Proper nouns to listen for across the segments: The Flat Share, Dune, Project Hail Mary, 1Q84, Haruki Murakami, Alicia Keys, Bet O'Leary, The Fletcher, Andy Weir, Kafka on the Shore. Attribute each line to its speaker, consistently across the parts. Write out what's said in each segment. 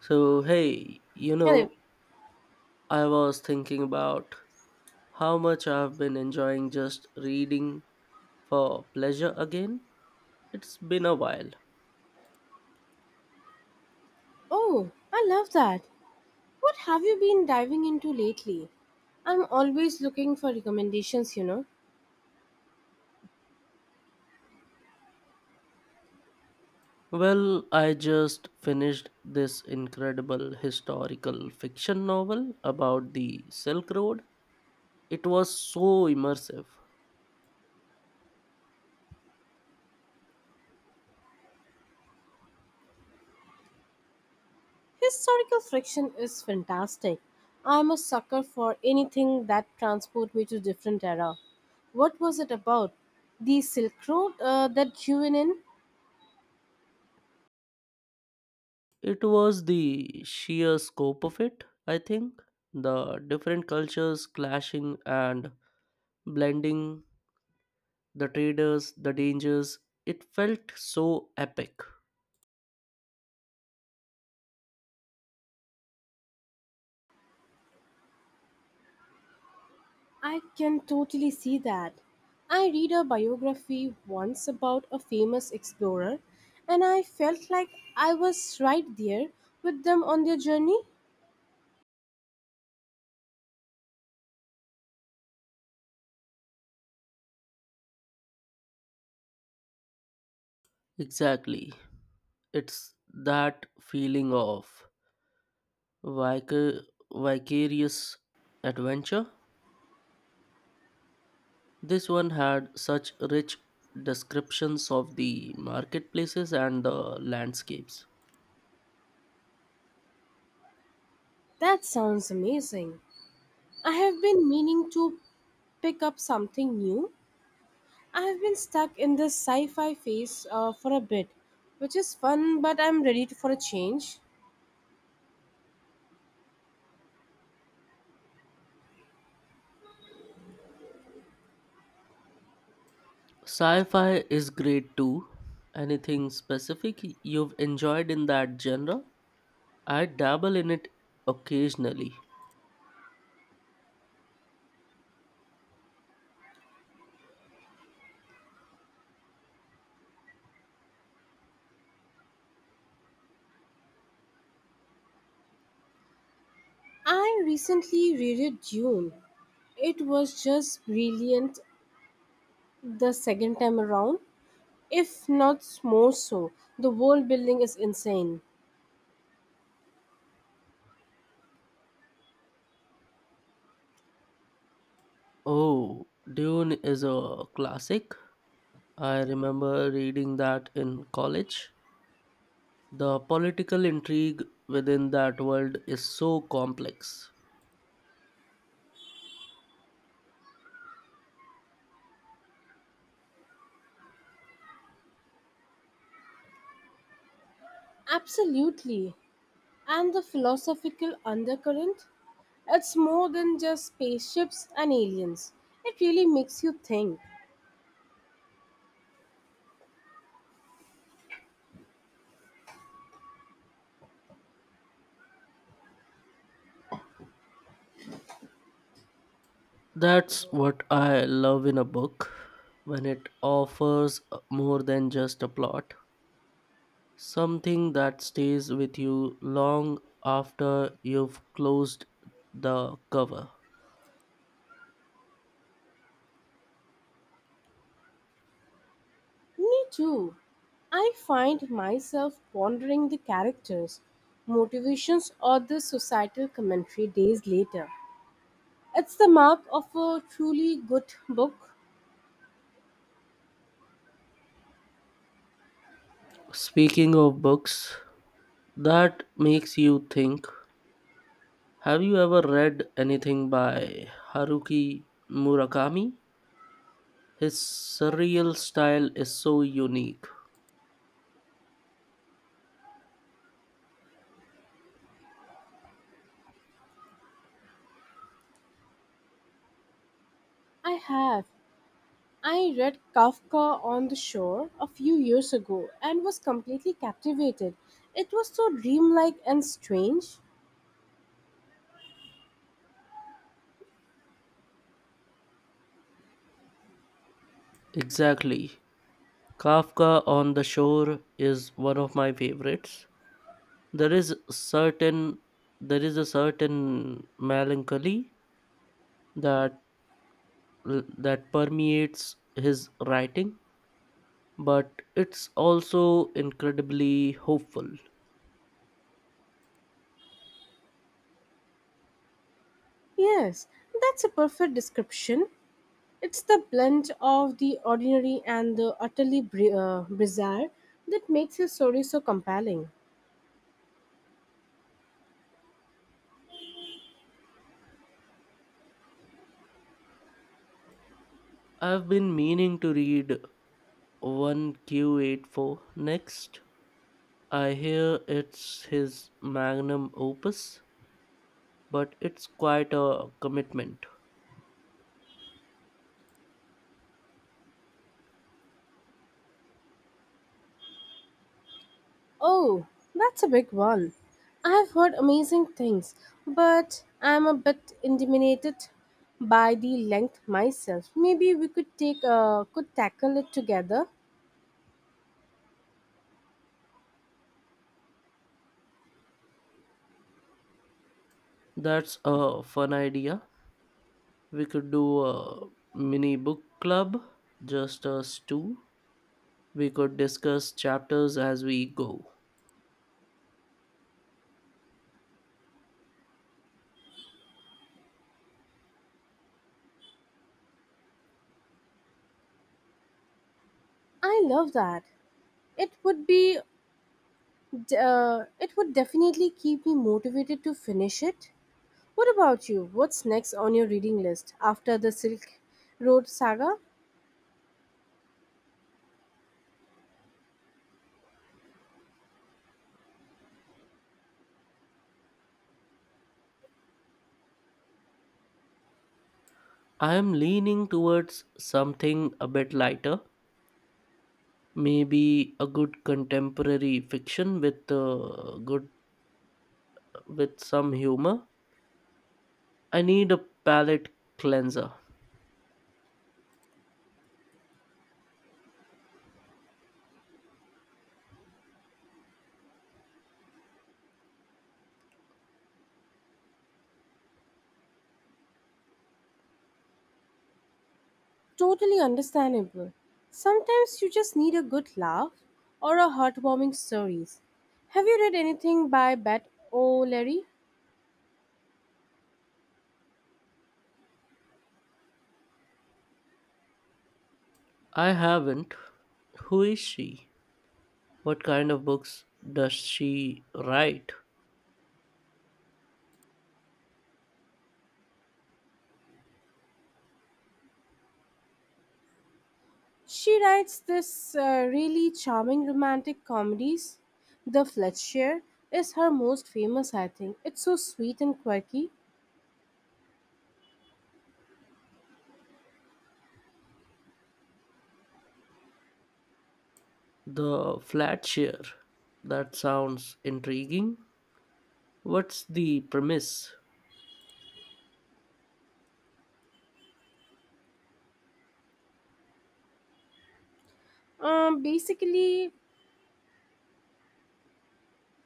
Speaker 1: So, hey, you
Speaker 2: Hello.
Speaker 1: know, I was thinking about how much I've been enjoying just reading for pleasure again. It's been a while.
Speaker 2: Oh, I love that. What have you been diving into lately? I'm always looking for recommendations, you know.
Speaker 1: Well, I just finished this incredible historical fiction novel about the Silk Road. It was so immersive.
Speaker 2: Historical fiction is fantastic. I'm a sucker for anything that transports me to different era. What was it about? The Silk Road, that you went in?
Speaker 1: It was the sheer scope of it, I think. The different cultures clashing and blending, the traders, the dangers. It felt so epic.
Speaker 2: I can totally see that. I read a biography once about a famous explorer, and I felt like I was right there with them on their journey.
Speaker 1: Exactly. It's that feeling of vic- vicarious adventure. This one had such rich descriptions of the marketplaces and the landscapes.
Speaker 2: That sounds amazing. I have been meaning to pick up something new. I have been stuck in this sci fi phase for a bit, which is fun, but I'm for a change.
Speaker 1: Sci fi is great too. Anything specific you've enjoyed in that genre? I dabble in it occasionally.
Speaker 2: I recently reread Dune. It was just brilliant the second time around, if not more so. The world building is insane.
Speaker 1: Oh, Dune is a classic. I remember reading that in college. The political intrigue within that world is so complex.
Speaker 2: Absolutely. And the philosophical undercurrent? It's more than just spaceships and aliens. It really makes you think.
Speaker 1: That's what I love in a book, when it offers more than just a plot, something that stays with you long after you've closed the cover.
Speaker 2: Me too. I find myself pondering the characters, motivations, or the societal commentary days later. It's the mark of a truly good book.
Speaker 1: Speaking of books that makes you think, have you ever read anything by Haruki Murakami? His surreal style is so unique.
Speaker 2: I have. I read Kafka on the Shore a few years ago and was completely captivated. It was so dreamlike and strange.
Speaker 1: Exactly. Kafka on the Shore is one of my favorites. There is certain there is a certain melancholy that that permeates his writing, but it's also incredibly hopeful.
Speaker 2: Yes, that's a perfect description. It's the blend of the ordinary and the utterly bizarre that makes his story so compelling.
Speaker 1: I've been meaning to read 1Q84 next. I hear it's his magnum opus, but it's quite a commitment.
Speaker 2: Oh, that's a big one. I've heard amazing things, but I'm a bit intimidated by the length myself. Maybe we could tackle it together.
Speaker 1: That's a fun idea. We could do a mini book club, just us two. We could discuss chapters as we go.
Speaker 2: I love that. It would be it would definitely keep me motivated to finish it. What about you? What's next on your reading list after the Silk Road saga?
Speaker 1: I am leaning towards something a bit lighter, maybe a good contemporary fiction with good with some humor. I need a palate cleanser.
Speaker 2: Totally understandable. Sometimes you just need a good laugh or a heartwarming stories. Have you read anything by Bet O'Leary?
Speaker 1: I haven't. Who is she? What kind of books does she write?
Speaker 2: She writes this really charming romantic comedies. The Fletcher is her most famous, I think. It's so sweet and quirky.
Speaker 1: The flat share. That sounds intriguing. What's the premise?
Speaker 2: Basically,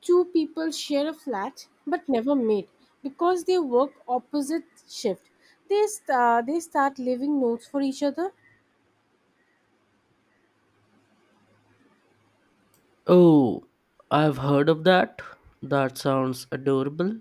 Speaker 2: two people share a flat but never meet because they work opposite shift. They start leaving notes for each other.
Speaker 1: Oh, I've heard of that. That sounds adorable.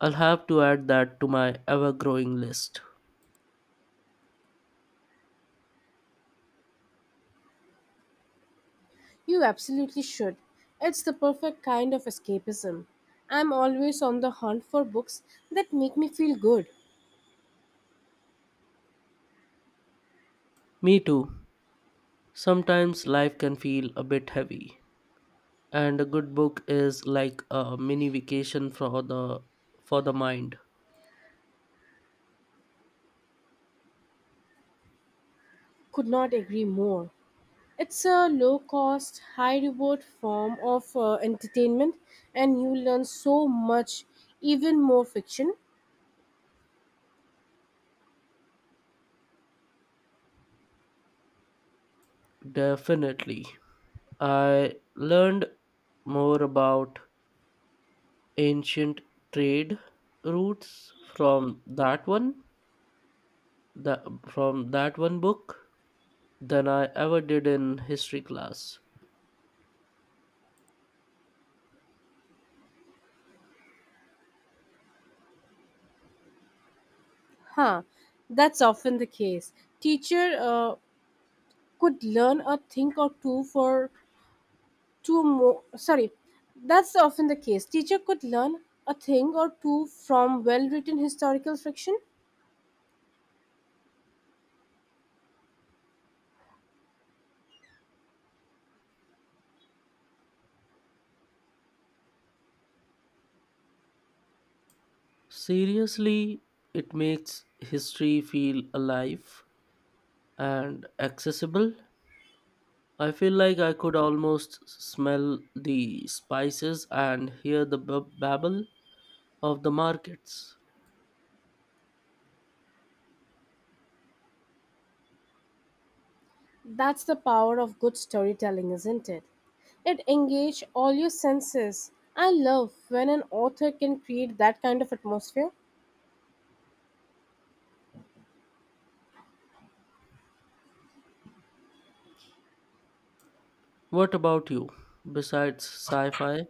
Speaker 1: I'll have to add that to my ever growing list.
Speaker 2: You absolutely should. It's the perfect kind of escapism. I'm always on the hunt for books that make me feel good.
Speaker 1: Me too. Sometimes life can feel a bit heavy, and a good book is like a mini vacation for the mind.
Speaker 2: Could not agree more. It's a low cost, high reward form of entertainment, and you learn so much, even more fiction.
Speaker 1: Definitely. I learned more about ancient trade routes from the, from that one book than I ever did in history class.
Speaker 2: Huh, that's often the case. Teacher, could learn a thing or two for two more sorry That's often the case, teacher could learn a thing or two from well written historical fiction.
Speaker 1: Seriously, it makes history feel alive and accessible. I feel like I could almost smell the spices and hear the babble of the markets.
Speaker 2: That's the power of good storytelling, isn't it? It engages all your senses. I love when an author can create that kind of atmosphere.
Speaker 1: What about you? Besides sci fi,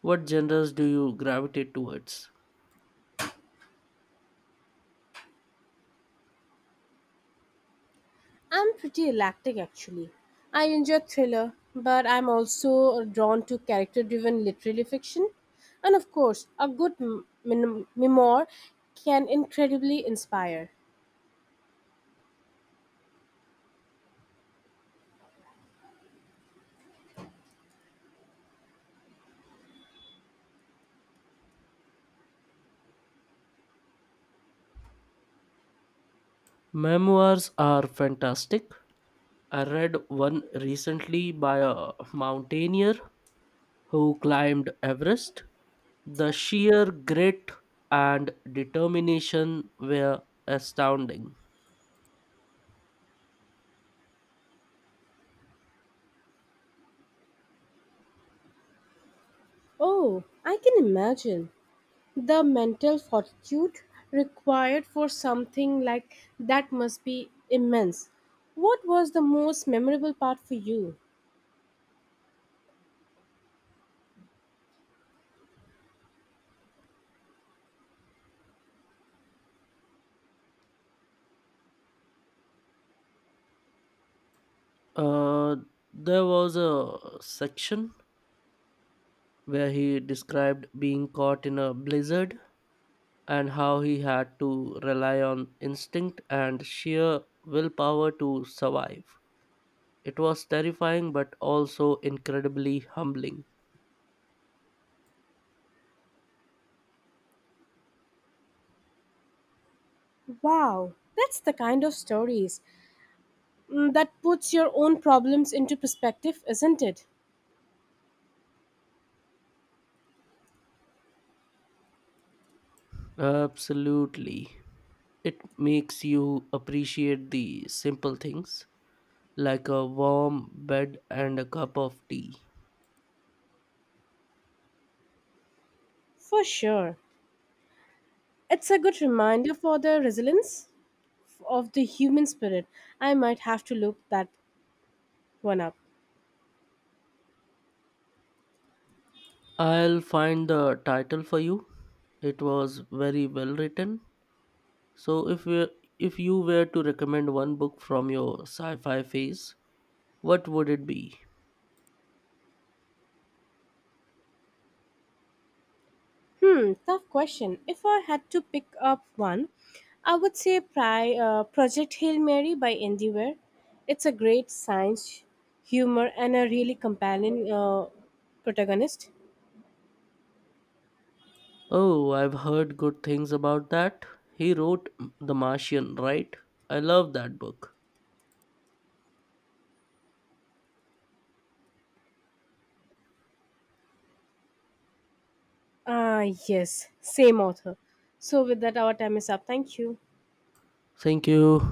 Speaker 1: what genres do you gravitate towards?
Speaker 2: I'm pretty eclectic actually. I enjoy thriller, but I'm also drawn to character driven literary fiction. And of course, a good memoir can incredibly inspire.
Speaker 1: Memoirs are fantastic. I read one recently by a mountaineer who climbed Everest. The sheer grit and determination were astounding.
Speaker 2: Oh, I can imagine the mental fortitude required for something like that must be immense. What was the most memorable part for you?
Speaker 1: Uh, there was a section where he described being caught in a blizzard and how he had to rely on instinct and sheer willpower to survive. It was terrifying but also incredibly humbling.
Speaker 2: Wow, that's the kind of stories, that puts your own problems into perspective, isn't it?
Speaker 1: Absolutely. It makes you appreciate the simple things, like a warm bed and a cup of tea.
Speaker 2: For sure. It's a good reminder for the resilience of the human spirit. I might have to look that one up.
Speaker 1: I'll find the title for you. It was very well written. So if you were to recommend one book from your sci-fi phase, what would it be?
Speaker 2: Hmm, tough question. If I had to pick up one, I would say Project Hail Mary by Andy Weir. It's a great science, humor, and a really compelling protagonist.
Speaker 1: Oh, I've heard good things about that. He wrote The Martian, right? I love that book.
Speaker 2: Ah, yes, same author. So, with that, our time is up. Thank you.
Speaker 1: Thank you.